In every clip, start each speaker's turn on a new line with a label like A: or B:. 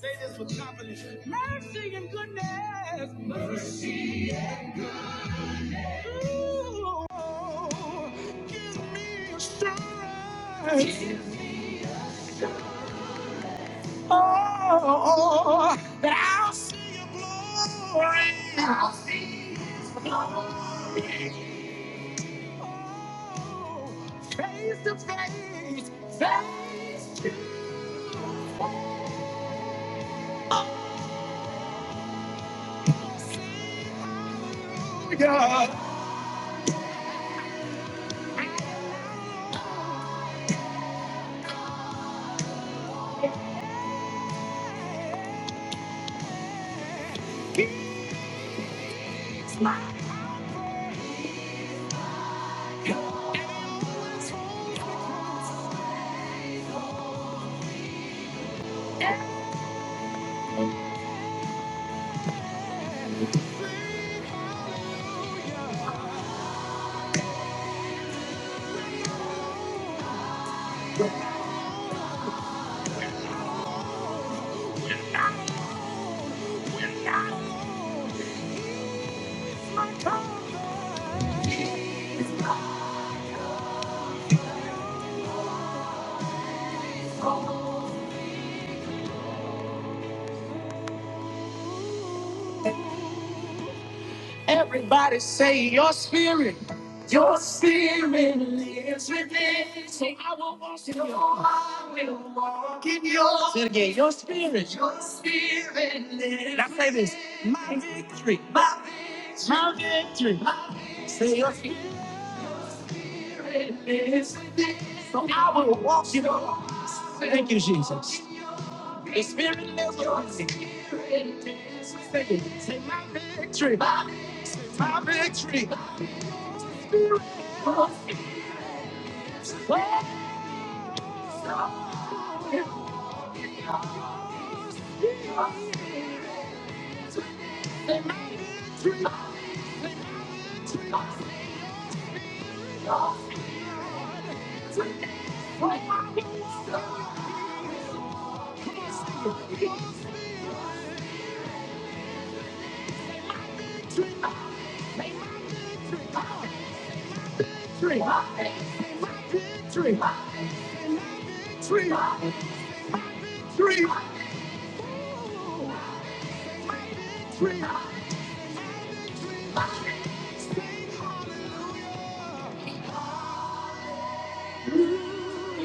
A: Say this with confidence. Mercy and goodness. Mercy. Ooh, give me assurance. Oh, that I'll see your glory. I'll see his glory. Oh, face to face, face to your Everybody say your spirit, your spirit lives within. So I will walk in your. I will walk in your. Say it again. Your spirit, your spirit lives. Now say this. My victory, my victory, my victory. My victory. Say your spirit lives within. So I will walk in your. Thank you, Jesus. The spirit lives within. Your spirit lives within. Say my victory, my victory. My victory. Tree, tree, tree, tree, tree,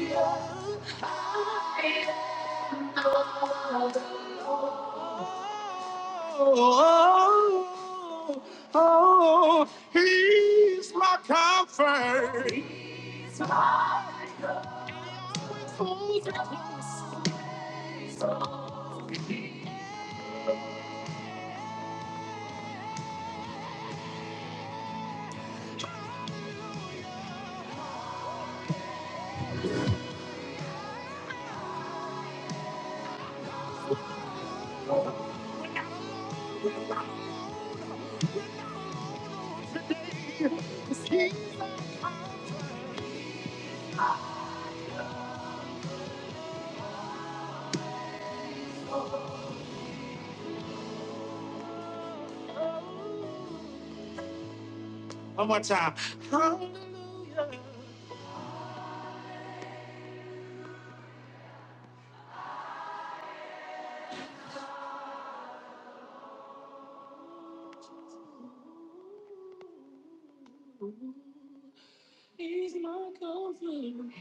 A: Oh, oh, oh, he's my comfort. He's my comfort. One more time. Hallelujah. He's my comfort.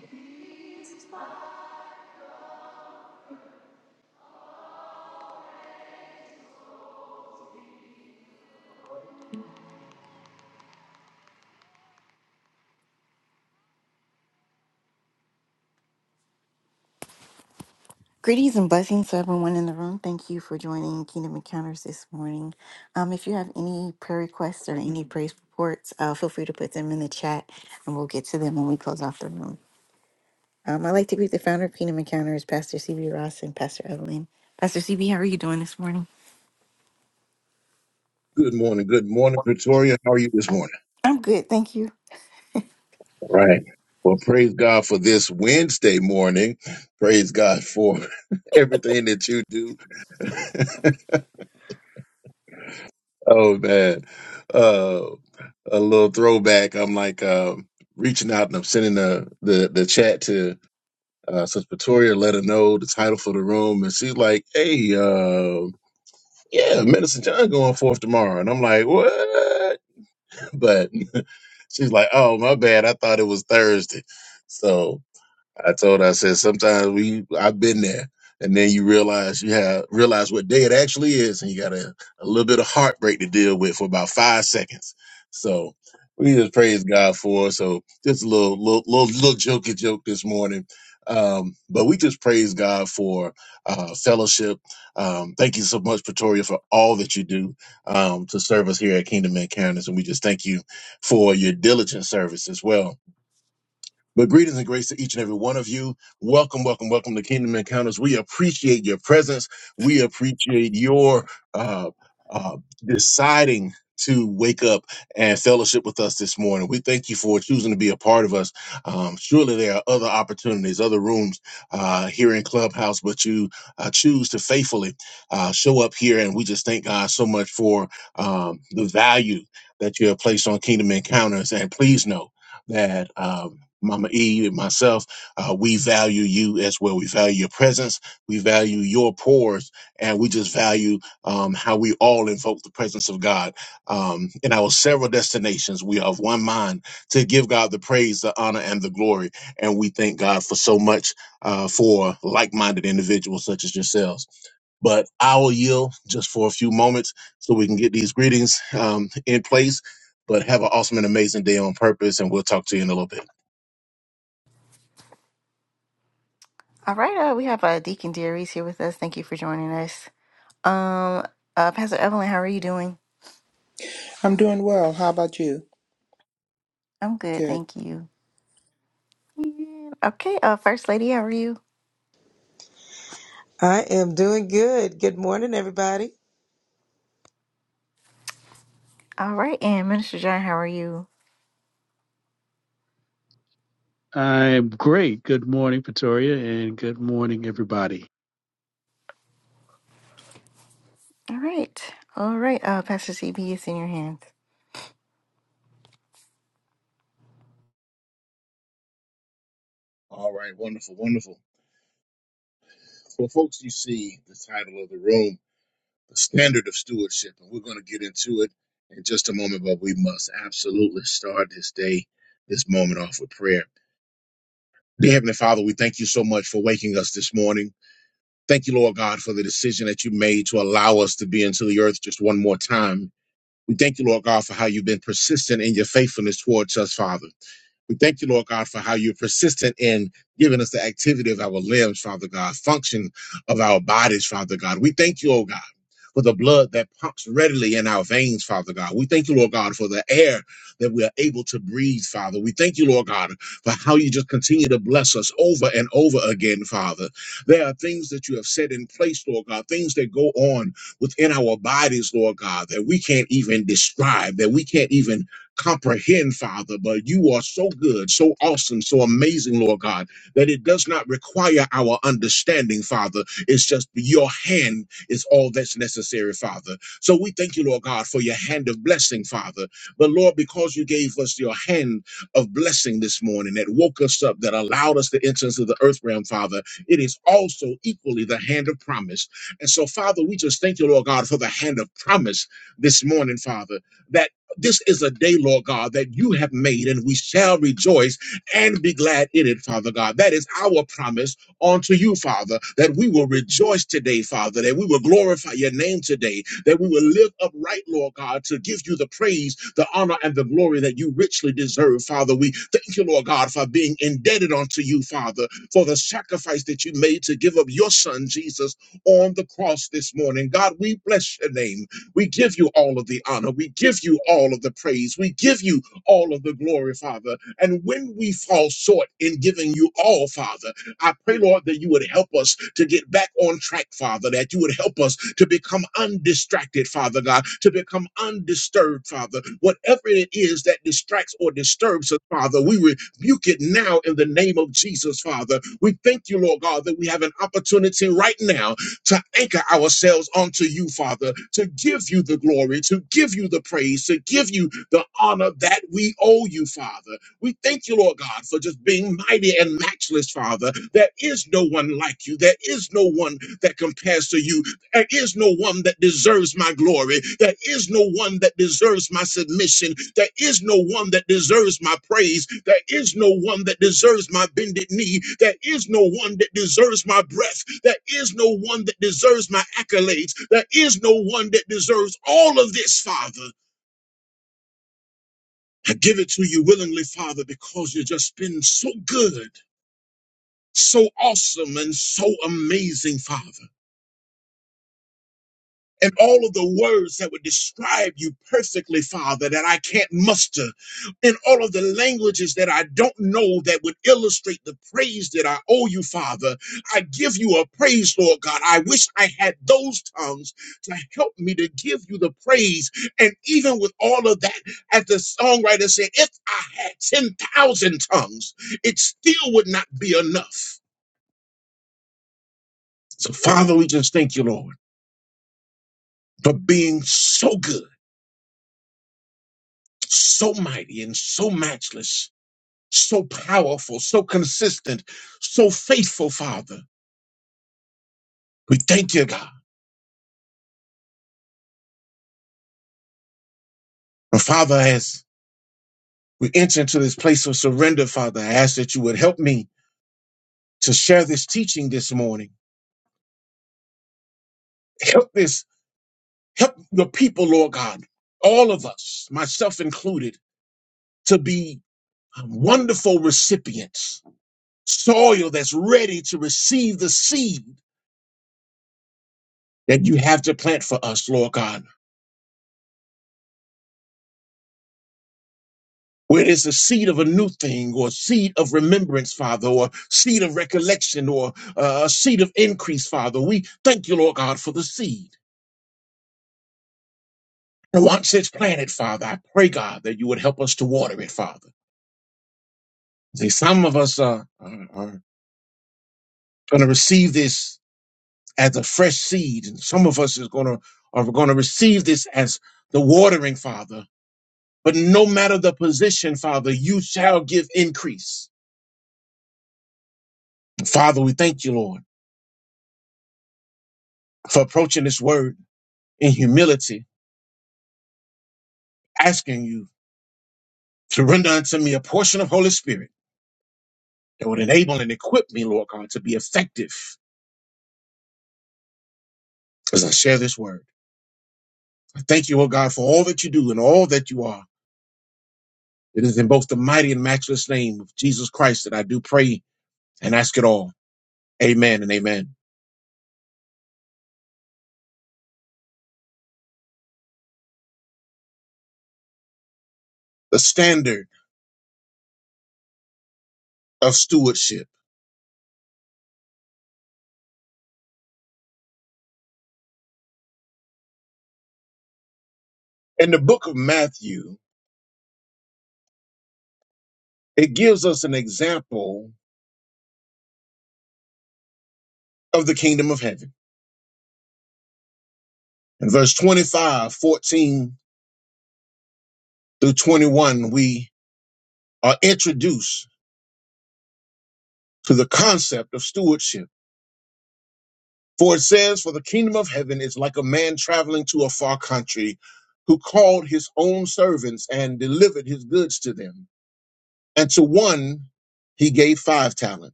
A: Greetings and blessings to everyone in the room. Thank you for joining Kingdom Encounters this morning. Um, if you have any prayer requests or any praise reports, uh, feel free to put them in the chat and we'll get to them when we close off the room. Um, I'd like to greet the founder of Kingdom Encounters, Pastor CB Ross and Pastor Evelyn. Pastor CB, how are you doing this morning? I'm good, thank you. All right, uh, we have uh, Deacon Darius here with us. Thank you for joining us. Um, uh, Pastor Evelyn, how are you doing?
B: I'm doing well. How about you?
A: I'm good,
B: Good.
A: thank you. Yeah, Okay, uh, First Lady, how are you?
C: I am doing good. Good morning, everybody.
A: All right, and Minister John, how are you?
D: I'm great. Good morning, Pretoria, and good morning, everybody.
A: All right, all right. Uh, Pastor CB, it's in your hands.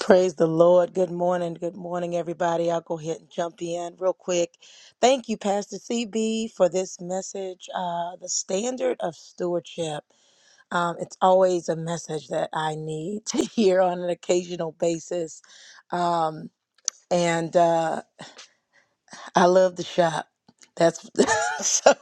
C: Praise the Lord. Good morning. Good morning, everybody. I'll go ahead and jump in real quick. Thank you, Pastor CB, for this message. Uh, the standard of stewardship. Um, it's always a message that I need to hear on an occasional basis. Um, and uh, I love the shop. That's so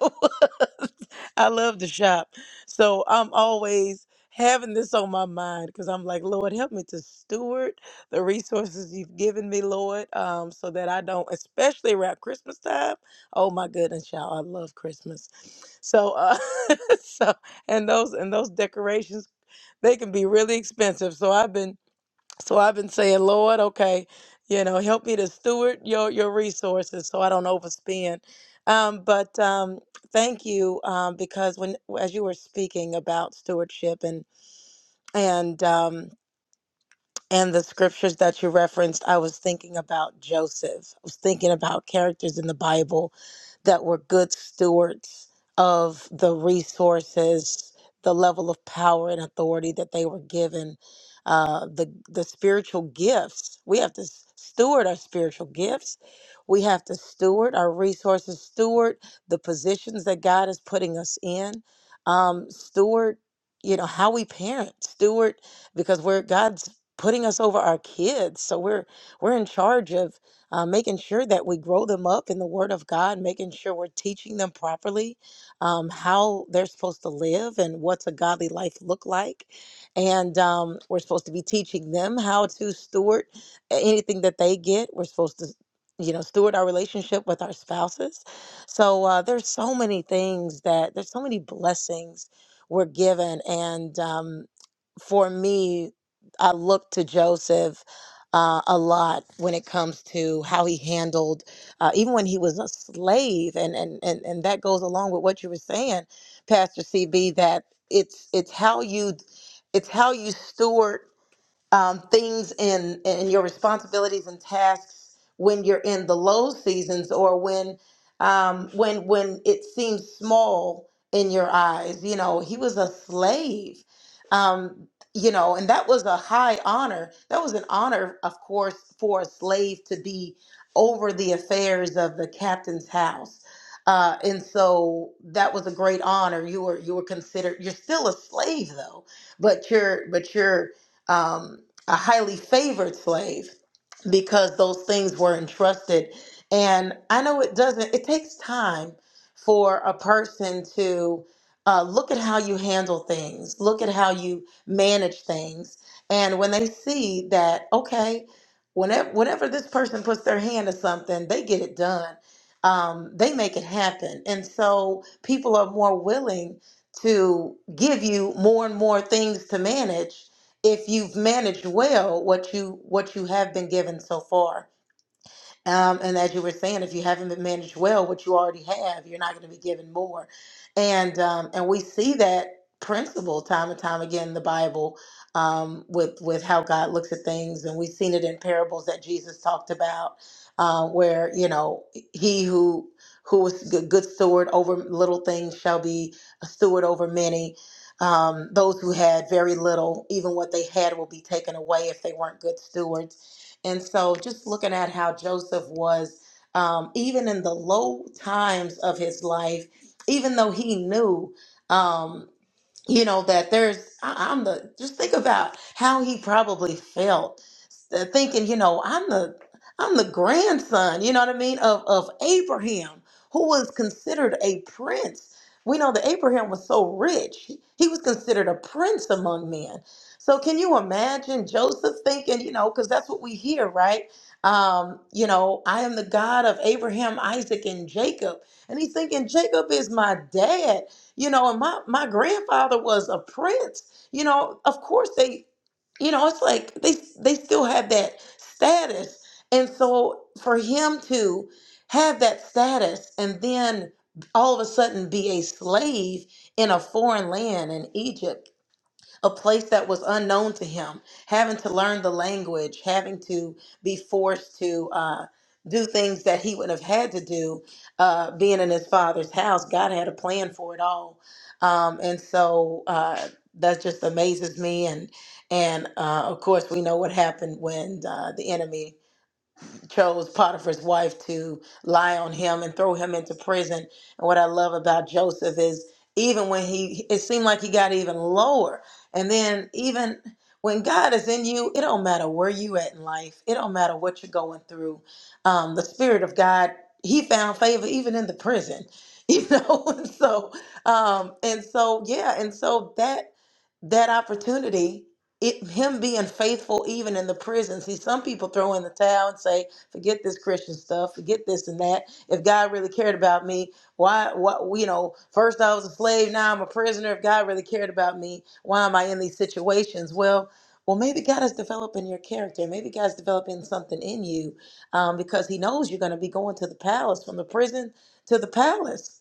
C: I love the shop. So I'm always having this on my mind because I'm like, Lord, help me to steward the resources you've given me, Lord, um, so that I don't, especially around Christmas time. Oh my goodness, y'all, I love Christmas. So, uh, so and those and those decorations, they can be really expensive. So I've been so I've been saying, Lord, okay, you know, help me to steward your your resources so I don't overspend. Um, but um, thank you um, because when as you were speaking about stewardship and and um, and the scriptures that you referenced, I was thinking about Joseph. I was thinking about characters in the Bible that were good stewards of the resources, the level of power and authority that they were given, uh, the the spiritual gifts. We have to s- steward our spiritual gifts. We have to steward our resources, steward the positions that God is putting us in, um, steward, you know, how we parent, steward because we're God's putting us over our kids. So we're we're in charge of uh, making sure that we grow them up in the Word of God, making sure we're teaching them properly um, how they're supposed to live and what's a godly life look like, and um, we're supposed to be teaching them how to steward anything that they get. We're supposed to you know steward our relationship with our spouses so uh, there's so many things that there's so many blessings we're given and um, for me I look to Joseph uh, a lot when it comes to how he handled, uh, even when he was a slave, and and and and that goes along with what you were saying, Pastor CB. That it's it's how you, it's how you steward um, things in in your responsibilities and tasks when you're in the low seasons or when um, when when it seems small in your eyes. You know, he was a slave. Um, you know, and that was a high honor. That was an honor, of course, for a slave to be over the affairs of the captain's house. Uh, and so that was a great honor. You were you were considered. You're still a slave though, but you're but you're um, a highly favored slave because those things were entrusted. And I know it doesn't, it takes time for a person to uh, look at how you handle things, look at how you manage things. And when they see that, okay, whenever, whenever this person puts their hand to something, they get it done. Um, they make it happen. And so people are more willing to give you more and more things to manage if you've managed well what you what you have been given so far um, and as you were saying, if you haven't been managed well, what you already have, you're not going to be given more. And um, and we see that principle time and time again in the Bible um, with with how God looks at things, and we've seen it in parables that Jesus talked about, uh, where you know he who who was g- good steward over little things shall be a steward over many. Um, those who had very little, even what they had, will be taken away if they weren't good stewards and so just looking at how Joseph was, um, even in the low times of his life, even though he knew. um, you know that there's I- i'm the just think about how he probably felt uh, thinking you know i'm the i'm the grandson you know what i mean of of abraham who was considered a prince we know that abraham was so rich he he was considered a prince among men so can you imagine joseph thinking you know because that's what we hear right um, you know i am the god of abraham isaac and jacob and he's thinking jacob is my dad you know and my my grandfather was a prince you know of course they you know it's like they they still have that status and so for him to have that status and then all of a sudden be a slave in a foreign land in Egypt a place that was unknown to him, having to learn the language, having to be forced to uh, do things that he would have had to do uh, being in his father's house. God had a plan for it all. Um, and so uh, that just amazes me. And, and uh, of course, we know what happened when uh, the enemy chose Potiphar's wife to lie on him and throw him into prison. And what I love about Joseph is even when he, it seemed like he got even lower. And then even when God is in you, it don't matter where you at in life. It don't matter what you're going through. Um, the Spirit of God, He found favor even in the prison. You know, and so um, and so yeah, and so that that opportunity, it, him being faithful even in the prison. See, some people throw in the towel and say, "Forget this Christian stuff. Forget this and that. If God really cared about me, why? What? You know, first I was a slave, now I'm a prisoner. If God really cared about me, why am I in these situations?" Well. Well, maybe God is developing your character. Maybe God's developing something in you um, because He knows you're going to be going to the palace, from the prison to the palace.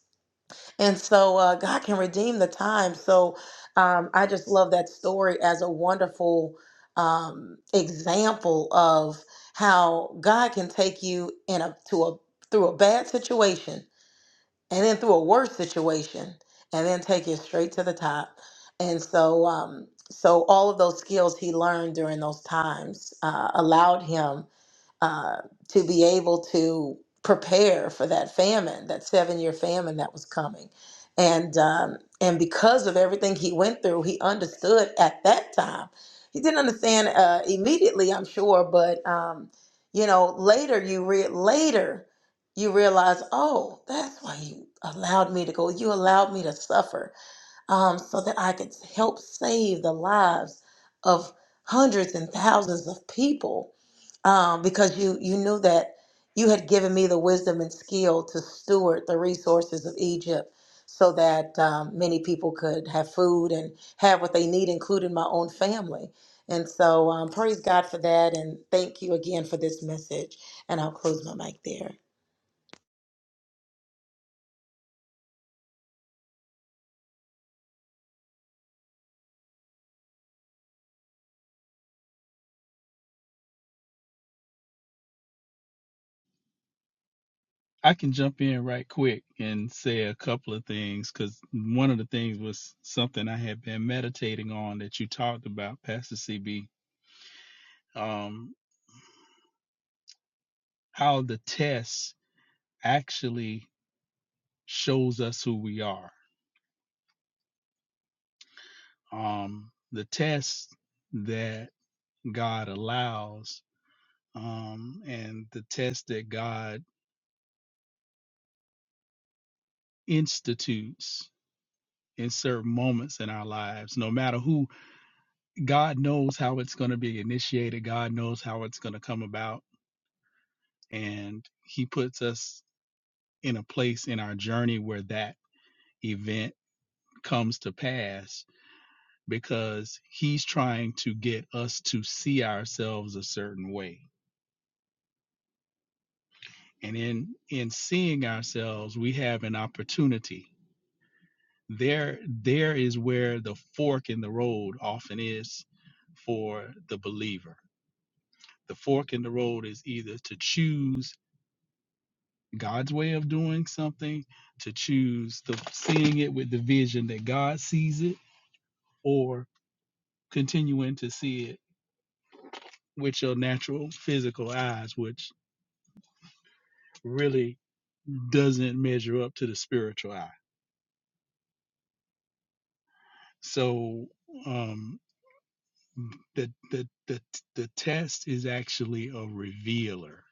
C: And so uh, God can redeem the time. So um, I just love that story as a wonderful um, example of how God can take you in a to a through a bad situation and then through a worse situation and then take you straight to the top. And so um, so all of those skills he learned during those times uh, allowed him uh, to be able to prepare for that famine, that seven year famine that was coming. And, um, and because of everything he went through, he understood at that time. He didn't understand uh, immediately, I'm sure, but um, you know, later you re- later you realize, oh, that's why you allowed me to go. You allowed me to suffer um, so that I could help save the lives of hundreds and thousands of people um, because you you knew that you had given me the wisdom and skill to steward the resources of Egypt, so that um, many people could have food and have what they need, including my own family. And so, um, praise God for that, and thank you again for this message. And I'll close my mic there.
D: I can jump in right quick and say a couple of things because one of the things was something I had been meditating on that you talked about, Pastor CB. Um, how the test actually shows us who we are. Um, the test that God allows um, and the test that God institutes in certain moments in our lives, no matter who God knows how it's going to be initiated. God knows how it's going to come about. And He puts us in a place in our journey where that event comes to pass because He's trying to get us to see ourselves a certain way. And in in seeing ourselves, we have an opportunity. There there is where the fork in the road often is for the believer. The fork in the road is either to choose God's way of doing something, to choose the seeing it with the vision that God sees it, or continuing to see it with your natural physical eyes, which really doesn't measure up to the spiritual eye. So um, the, the the the test is actually a revealer,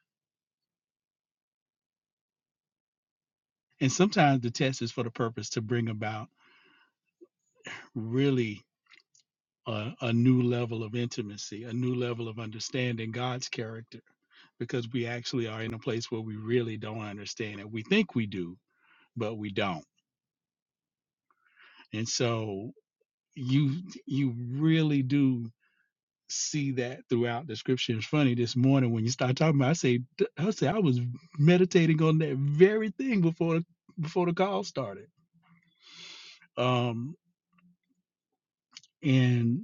D: and sometimes the test is for the purpose to bring about really a, a new level of intimacy, a new level of understanding God's character, because we actually are in a place where we really don't understand it. We think we do, but we don't. And so you you really do see that throughout the scripture. It's funny this morning when you start talking about, I say, I say I was meditating on that very thing before before the call started. Um, and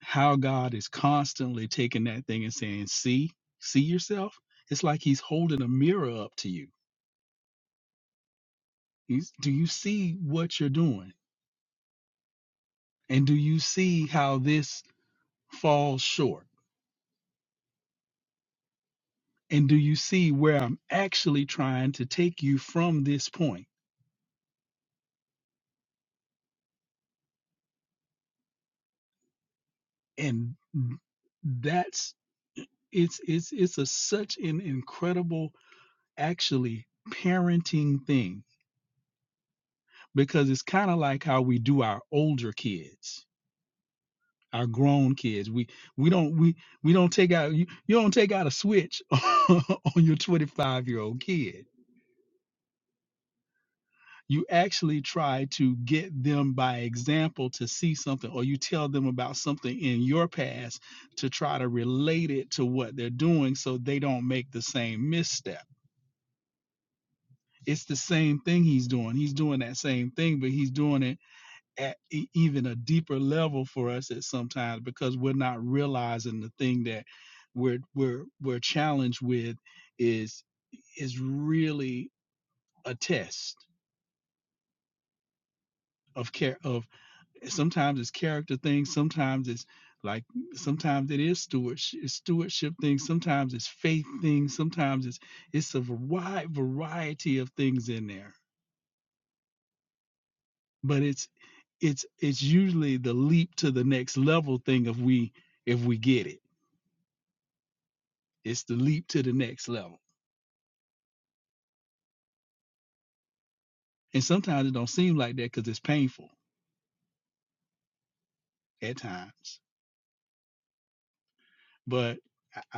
D: how God is constantly taking that thing and saying, "See, see yourself." It's like He's holding a mirror up to you. He's, do you see what you're doing? And do you see how this falls short? And do you see where I'm actually trying to take you from this point? And that's it's it's it's a such an incredible actually parenting thing because it's kind of like how we do our older kids our grown kids. We we don't we we don't take out you, you don't take out a switch on your 25 year old kid. You actually try to get them by example to see something, or you tell them about something in your past to try to relate it to what they're doing so they don't make the same misstep. It's the same thing he's doing. He's doing that same thing, but he's doing it at e- even a deeper level for us at sometimes because we're not realizing the thing that we're we're we're challenged with is is really a test of care of sometimes it's character things sometimes it's like sometimes it is stewardship, stewardship things sometimes it's faith things sometimes it's it's a wide variety of things in there but it's it's it's usually the leap to the next level thing if we if we get it It's the leap to the next level. And sometimes it don't seem like that because it's painful at times. But I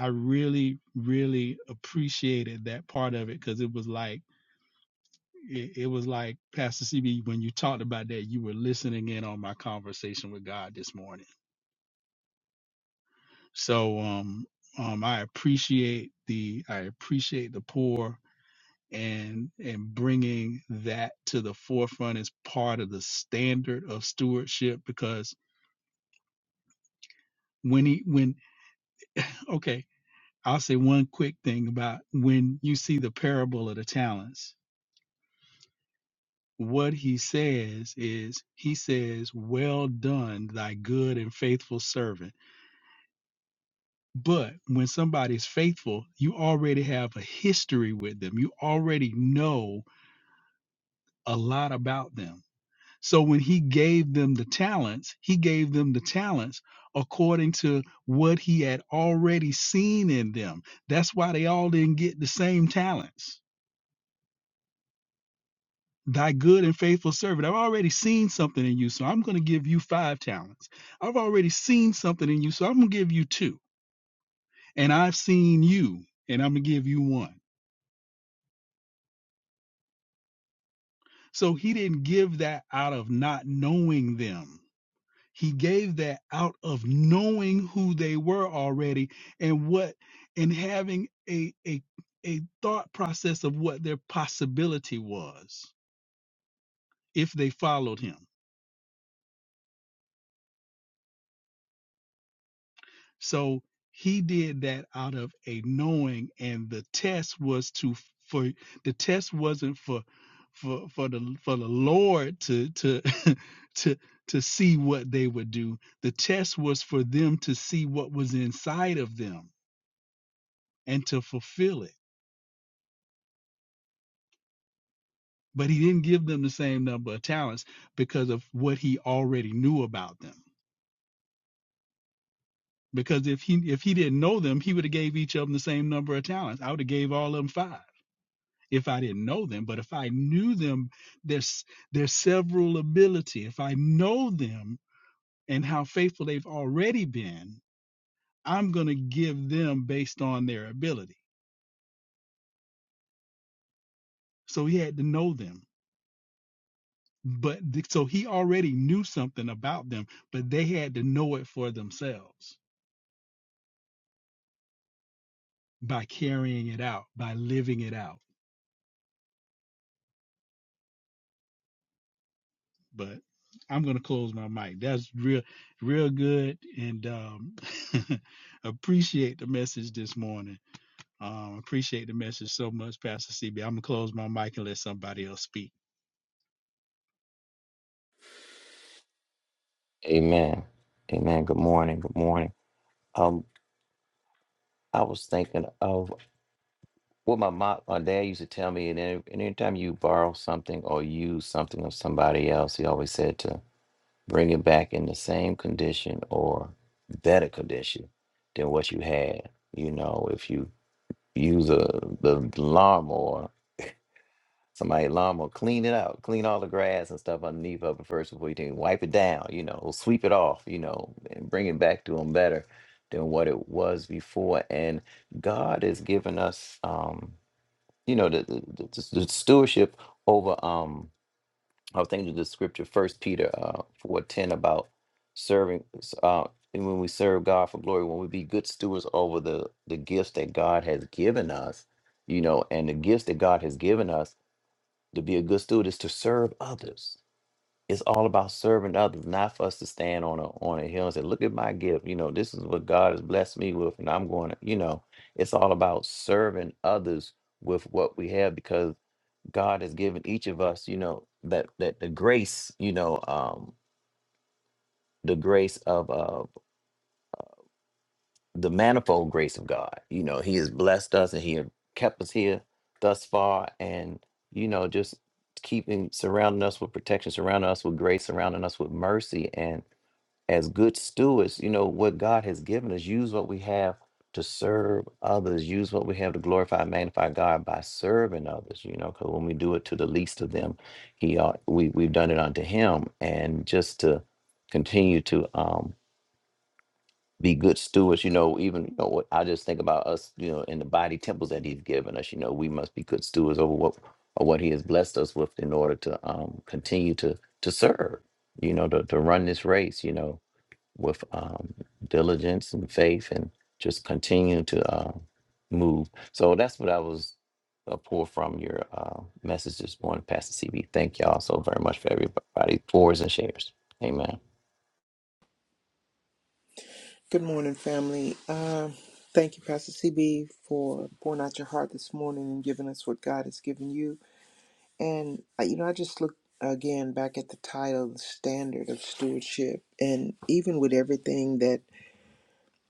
D: really, really appreciated that part of it because it was like it, it was like Pastor CB when you talked about that, you were listening in on my conversation with God this morning. So um, um, I appreciate the I appreciate the poor and and bringing that to the forefront as part of the standard of stewardship because when he when Okay, I'll say one quick thing about when you see the parable of the talents. What he says is, he says, Well done, thy good and faithful servant. But when somebody's faithful, you already have a history with them, you already know a lot about them. So when he gave them the talents, he gave them the talents according to what he had already seen in them. That's why they all didn't get the same talents thy good and faithful servant. I've already seen something in you, so I'm going to give you five talents. I've already seen something in you, so I'm going to give you two. And I've seen you, and I'm going to give you one. So he didn't give that out of not knowing them. He gave that out of knowing who they were already and what and having a a a thought process of what their possibility was if they followed him. So he did that out of a knowing, and the test was to for the test wasn't for for for the for the Lord to to to to see what they would do. The test was for them to see what was inside of them and to fulfill it. But he didn't give them the same number of talents because of what he already knew about them. Because if he if he didn't know them, he would have gave each of them the same number of talents. I would have gave all of them five if I didn't know them, but if I knew them, their their several ability. If I know them and how faithful they've already been, I'm gonna give them based on their ability. So he had to know them. But so he already knew something about them, but they had to know it for themselves by carrying it out, by living it out. But I'm gonna close my mic. That's real, real good, and um, appreciate the message this morning Um, appreciate the message so much, Pastor C. am gonna close my mic and let somebody else speak.
E: Amen. Amen. Good morning. Good morning. Um, I was thinking of what my mom, my dad used to tell me, and any- and anytime you borrow something or use something of somebody else, he always said to bring it back in the same condition or better condition than what you had. You know, if you use a the lawnmower Somebody lawn will clean it out, clean all the grass and stuff underneath of it first before you can wipe it down, you know, sweep it off, you know, and bring it back to them better than what it was before. And God has given us, um, you know, the, the, the, the the stewardship over. Um, I was thinking of the scripture, First Peter uh, four ten, about serving. s- Uh, and when we serve God for glory, when we be good stewards over the the gifts that God has given us, you know, and the gifts that God has given us to be a good steward is to serve others. It's all about serving others, not for us to stand on a on a hill and say, "Look at my gift." You know, this is what God has blessed me with, and I'm going to. You know, it's all about serving others with what we have because God has given each of us, you know, that that the grace, you know, um, the grace of uh the manifold grace of God. You know, He has blessed us and He has kept us here thus far. And, you know, just keeping surrounding us with protection, surrounding us with grace, surrounding us with mercy. And as good stewards, you know, what God has given us, use what we have to serve others, use what we have to glorify and magnify God by serving others, you know, because when we do it to the least of them, He uh, we, we've done it unto Him. And just to continue to um, be good stewards, you know, even you know what I just think about us, you know, in the body temples that he's given us, you know, we must be good stewards over what or what he has blessed us with in order to um continue to to serve, you know, to, to run this race, you know, with um diligence and faith and just continue to uh, move. So that's what I was uh, pull from your uh, message this morning, Pastor CB. Thank y'all so very much for everybody pours and shares. Amen.
B: Good morning, family. Um, thank you, Pastor CB, for pouring out your heart this morning and giving us what God has given you. And, uh, you know, I just looked again back at the title, The Standard of Stewardship. And even with everything that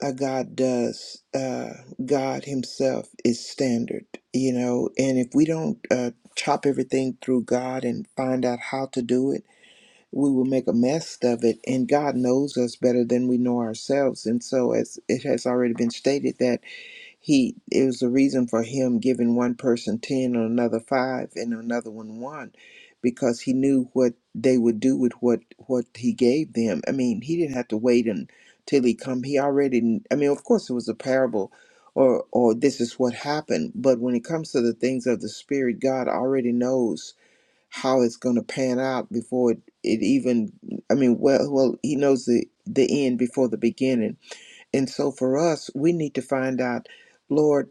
B: uh, God does, uh, God Himself is standard, you know. And if we don't uh, chop everything through God and find out how to do it, we will make a mess of it and god knows us better than we know ourselves and so as it has already been stated that he it was a reason for him giving one person 10 and another 5 and another one 1 because he knew what they would do with what what he gave them i mean he didn't have to wait until he come he already kn- i mean of course it was a parable or or this is what happened but when it comes to the things of the spirit god already knows how it's going to pan out before it, it even i mean well well he knows the the end before the beginning and so for us we need to find out lord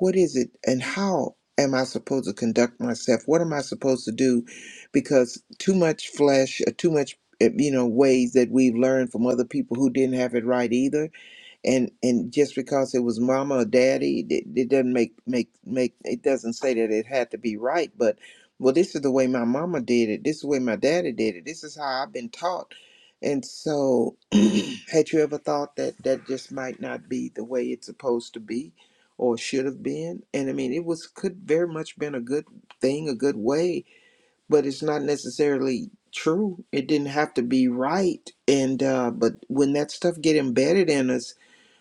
B: what is it and how am i supposed to conduct myself what am i supposed to do because too much flesh or too much eh, you know ways that we've learned from other people who didn't have it right either and and just because it was mama or daddy it, it doesn't make make make it doesn't say that it had to be right but well this is the way my mama did it this is the way my daddy did it this is how i've been taught and so had you ever thought that that just might not be the way it's supposed to be or should have been and i mean it was could very much been a good thing a good way but it's not necessarily true it didn't have to be right and uh but when that stuff get embedded in us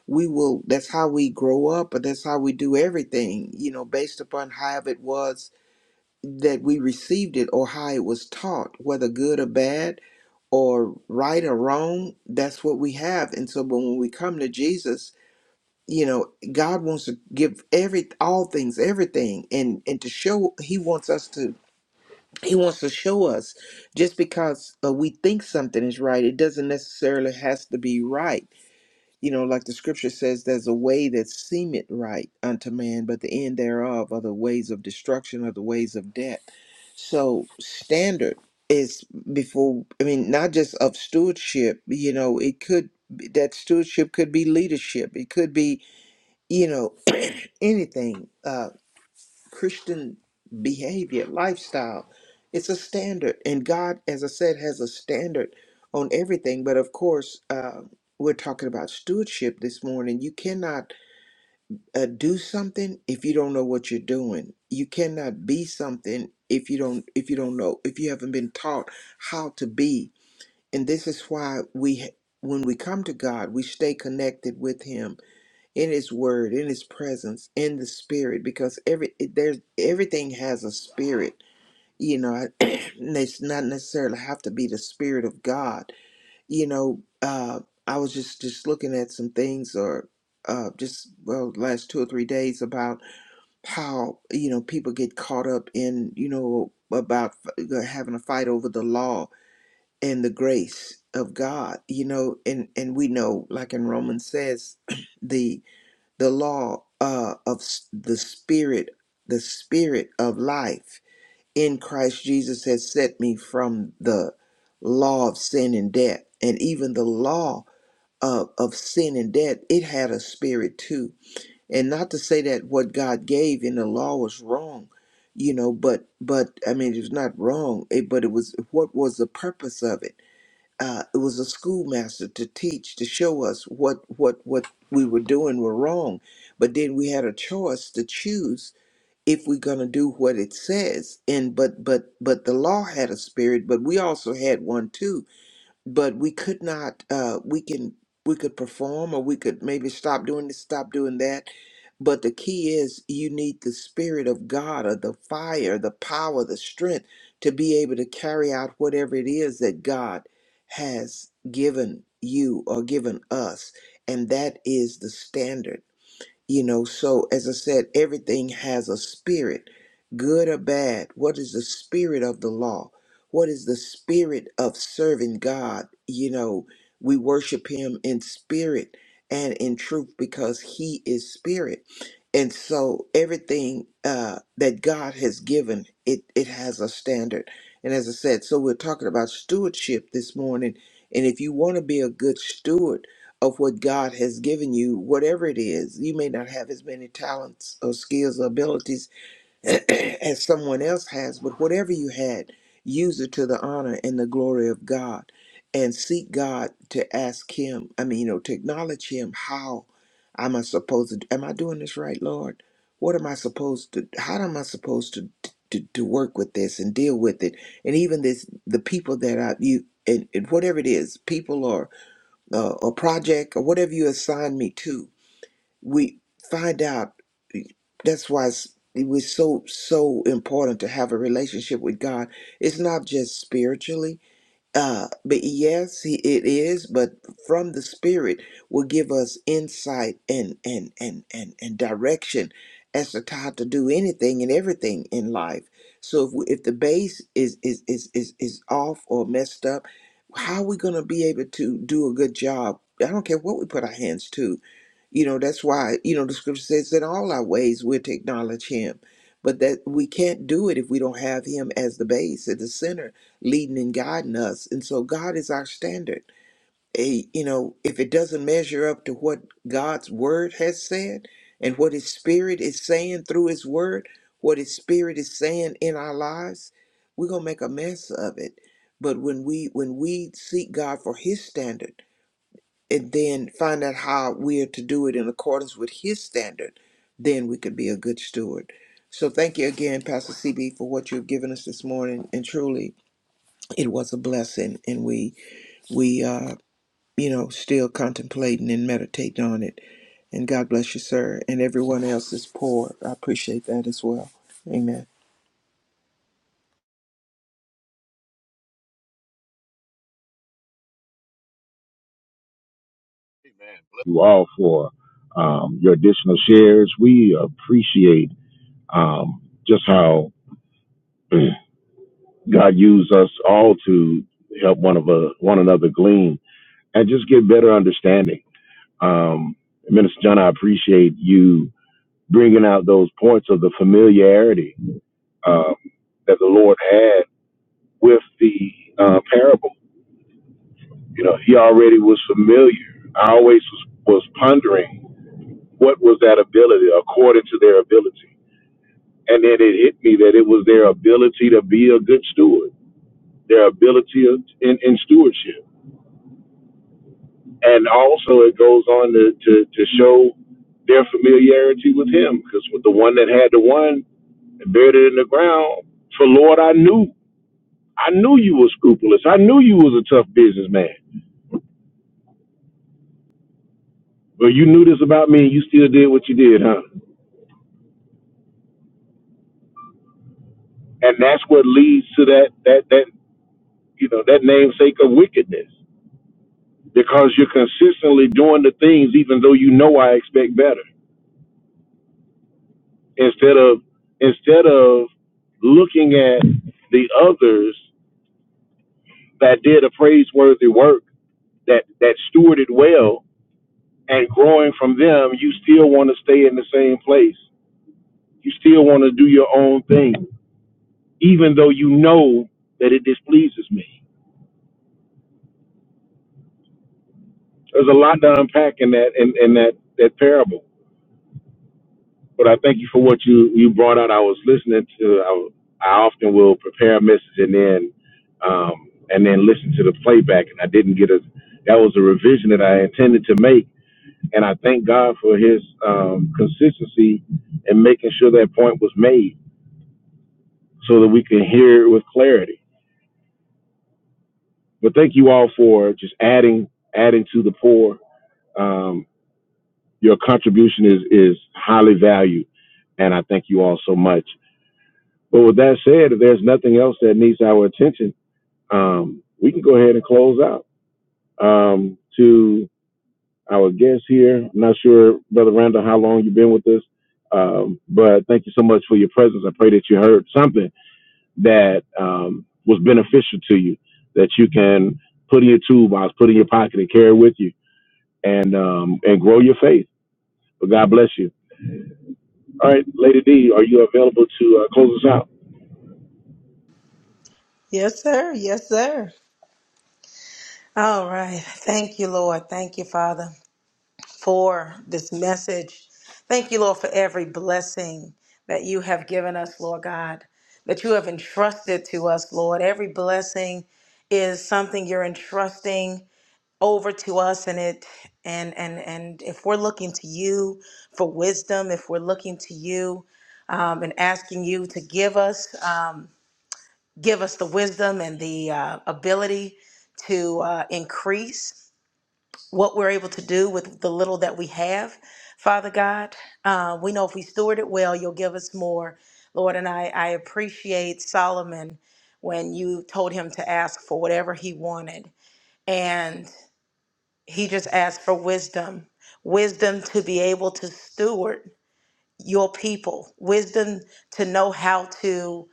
B: we will that's how we grow up but that's how we do everything you know based upon how it was that we received it or how it was taught whether good or bad or right or wrong that's what we have and so but when we come to jesus you know god wants to give every all things everything and and to show he wants us to he wants to show us just because uh, we think something is right it doesn't necessarily has to be right you know, like the scripture says, there's a way that seemeth right unto man, but the end thereof are the ways of destruction or the ways of death. So, standard is before, I mean, not just of stewardship, you know, it could, that stewardship could be leadership, it could be, you know, anything. Uh, Christian behavior, lifestyle. It's a standard, and God, as I said, has a standard on everything. But of course, uh, we're talking about stewardship this morning. You cannot uh, do something if you don't know what you're doing. You cannot be something if you don't if you don't know if you haven't been taught how to be. And this is why we, when we come to God, we stay connected with Him in his word in his presence in the spirit because every it- there's everything has a spirit you know and it's not necessarily have to be the spirit of god you know uh i was just just looking at some things or uh just well last two or three days about how you know people get caught up in you know about f- uh, having a fight over the law and the grace of god you know and and we know like in romans says the the law uh, of s- the spirit the spirit of life in christ jesus has set me from the law of sin and death and even the law of, of sin and death it had a spirit too and not to say that what god gave in the law was wrong you know but but i mean it was not wrong it, but it was what was the purpose of it uh, it was a schoolmaster to teach to show us what what what we were doing were wrong but then we had a choice to choose if we're going to do what it says and but but but the law had a spirit but we also had one too but we could not uh we can we could perform or we could maybe stop doing this stop doing that but the key is you need the spirit of god or the fire the power the strength to be able to carry out whatever it is that god has given you or given us and that is the standard you know, so as I said, everything has a spirit, good or bad. What is the spirit of the law? What is the spirit of serving God? You know, we worship Him in spirit and in truth because He is spirit. And so everything uh, that God has given, it, it has a standard. And as I said, so we're talking about stewardship this morning. And if you want to be a good steward, of what God has given you, whatever it is. You may not have as many talents or skills or abilities as someone else has, but whatever you had, use it to the honor and the glory of God and seek God to ask Him, I mean, you know, to acknowledge Him how am I supposed to, am I doing this right, Lord? What am I supposed to, how am I supposed to? To, to work with this and deal with it and even this the people that i you and, and whatever it is people or uh, or project or whatever you assign me to, we find out. That's why it's, it was so so important to have a relationship with God. It's not just spiritually. Uh, but yes, he, it is. But from the Spirit will give us insight and and and and and direction as to how to do anything and everything in life. So if we, if the base is is is is is off or messed up, how are we going to be able to do a good job? I don't care what we put our hands to. You know that's why you know the scripture says in all our ways we're to acknowledge Him, but that we can't do it if we don't have Him as the base at the center leading and guiding us. And so God is our standard. A, you know, if it doesn't measure up to what God's word has said and what his spirit is saying through his word, what his spirit is saying in our lives, we're going to make a mess of it. But when we when we seek God for his standard and then find out how we are to do it in accordance with his standard, then we can be a good steward. So thank you again, Pastor CB, for what you've given us this morning. And truly, it was a blessing and we we are you know still contemplating and meditating on it and god bless you sir and everyone else is poor i appreciate that as well amen
F: you all for um, your additional shares. We appreciate um, just how God used us all to help one of a, one another glean and just get better understanding. Um, Minister John, I appreciate you bringing out those points of the familiarity um, that the Lord had with the uh, parable. You know, He already was familiar. I always was, was pondering what was that ability according to their ability And then it hit me that it was their ability to be a good steward, their ability of, in, in stewardship. And also, it goes on to, to, to show their familiarity with him, because with the one that had the one and buried it in the ground, for Lord, I knew. I knew you were scrupulous. I knew you was a tough businessman. But you knew this about me and you still did what you did, huh? And that's what leads to that, that, that, you know, that namesake of wickedness because you're consistently doing the things even though you know I expect better. Instead of instead of looking at the others that did a praiseworthy work that that stewarded well and growing from them, you still want to stay in the same place. You still want to do your own thing, even though you know that it displeases me. There's a lot to unpack in that in, in that that parable. But I thank you for what you you brought out. I was listening to. I, I often will prepare a message and then um, and then listen to the playback, and I didn't get a. That was a revision that I intended to make, and I thank God for His um, consistency in making sure that point was made so that we can hear it with clarity. But thank you all for just adding adding to the poor. Um, your contribution is is highly valued, and I thank you all so much. But with that said, if there's nothing else that needs our attention, um, we can go ahead and close out. Um, to our guest here, I'm not sure, Brother Randall, how long you've been with us, um, but thank you so much for your presence. I pray that you heard something that um, was beneficial to you, that you can put in your toolbox, put in your pocket, and carry with you, and um, and grow your faith. But God bless you. All right, Lady D, are you available to uh, close us out?
C: Yes, sir. Yes, sir. All right. Thank you, Lord. Thank you, Father. for this message. Thank you, Lord, for every blessing that you have given us, Lord God, that you have entrusted to us, Lord. Every blessing is something you're entrusting over to us and it and and and if we're looking to you for wisdom if we're looking to you um, and asking you to give us um, give us the wisdom and the uh, ability to uh, increase what we're able to do with the little that we have, Father God. Uh, we know if we steward it well, you'll give us more, Lord. And I, I appreciate Solomon when you told him to ask for whatever he wanted. And he just asked for wisdom wisdom to be able to steward your people, wisdom to know how to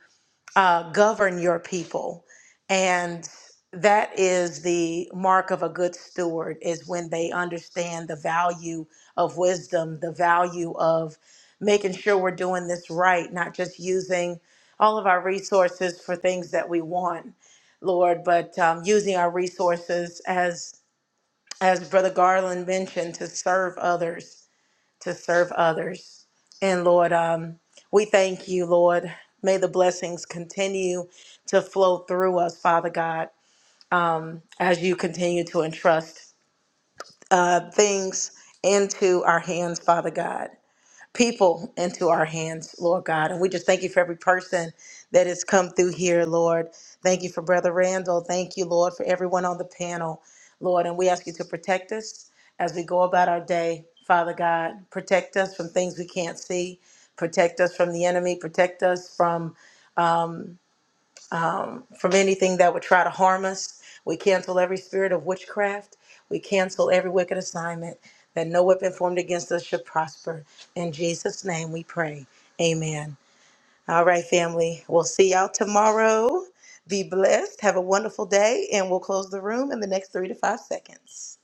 C: uh, govern your people. And that is the mark of a good steward is when they understand the value of wisdom, the value of making sure we're doing this right, not just using all of our resources for things that we want, Lord, but um, using our resources as as Brother Garland mentioned to serve others to serve others. And Lord, um, we thank you, Lord. May the blessings continue to flow through us, Father God, as you continue to entrust things into our hands, Father God people into our hands, Lord God. And we just thank you for every person that has come through here, Lord. Thank you for Brother Randall. Thank you, Lord, for everyone on the panel, Lord. And we ask you to protect us as we go about our day, Father God. Protect us from things we can't see. Protect us from the enemy. Protect us from from anything that would try to harm us. We cancel every spirit of witchcraft. We cancel every wicked assignment that no weapon formed against us should prosper. In Jesus' name we pray. Amen. All right, family. We'll see y'all tomorrow. Be blessed. Have a wonderful day. And we'll close the room in the next three to five seconds.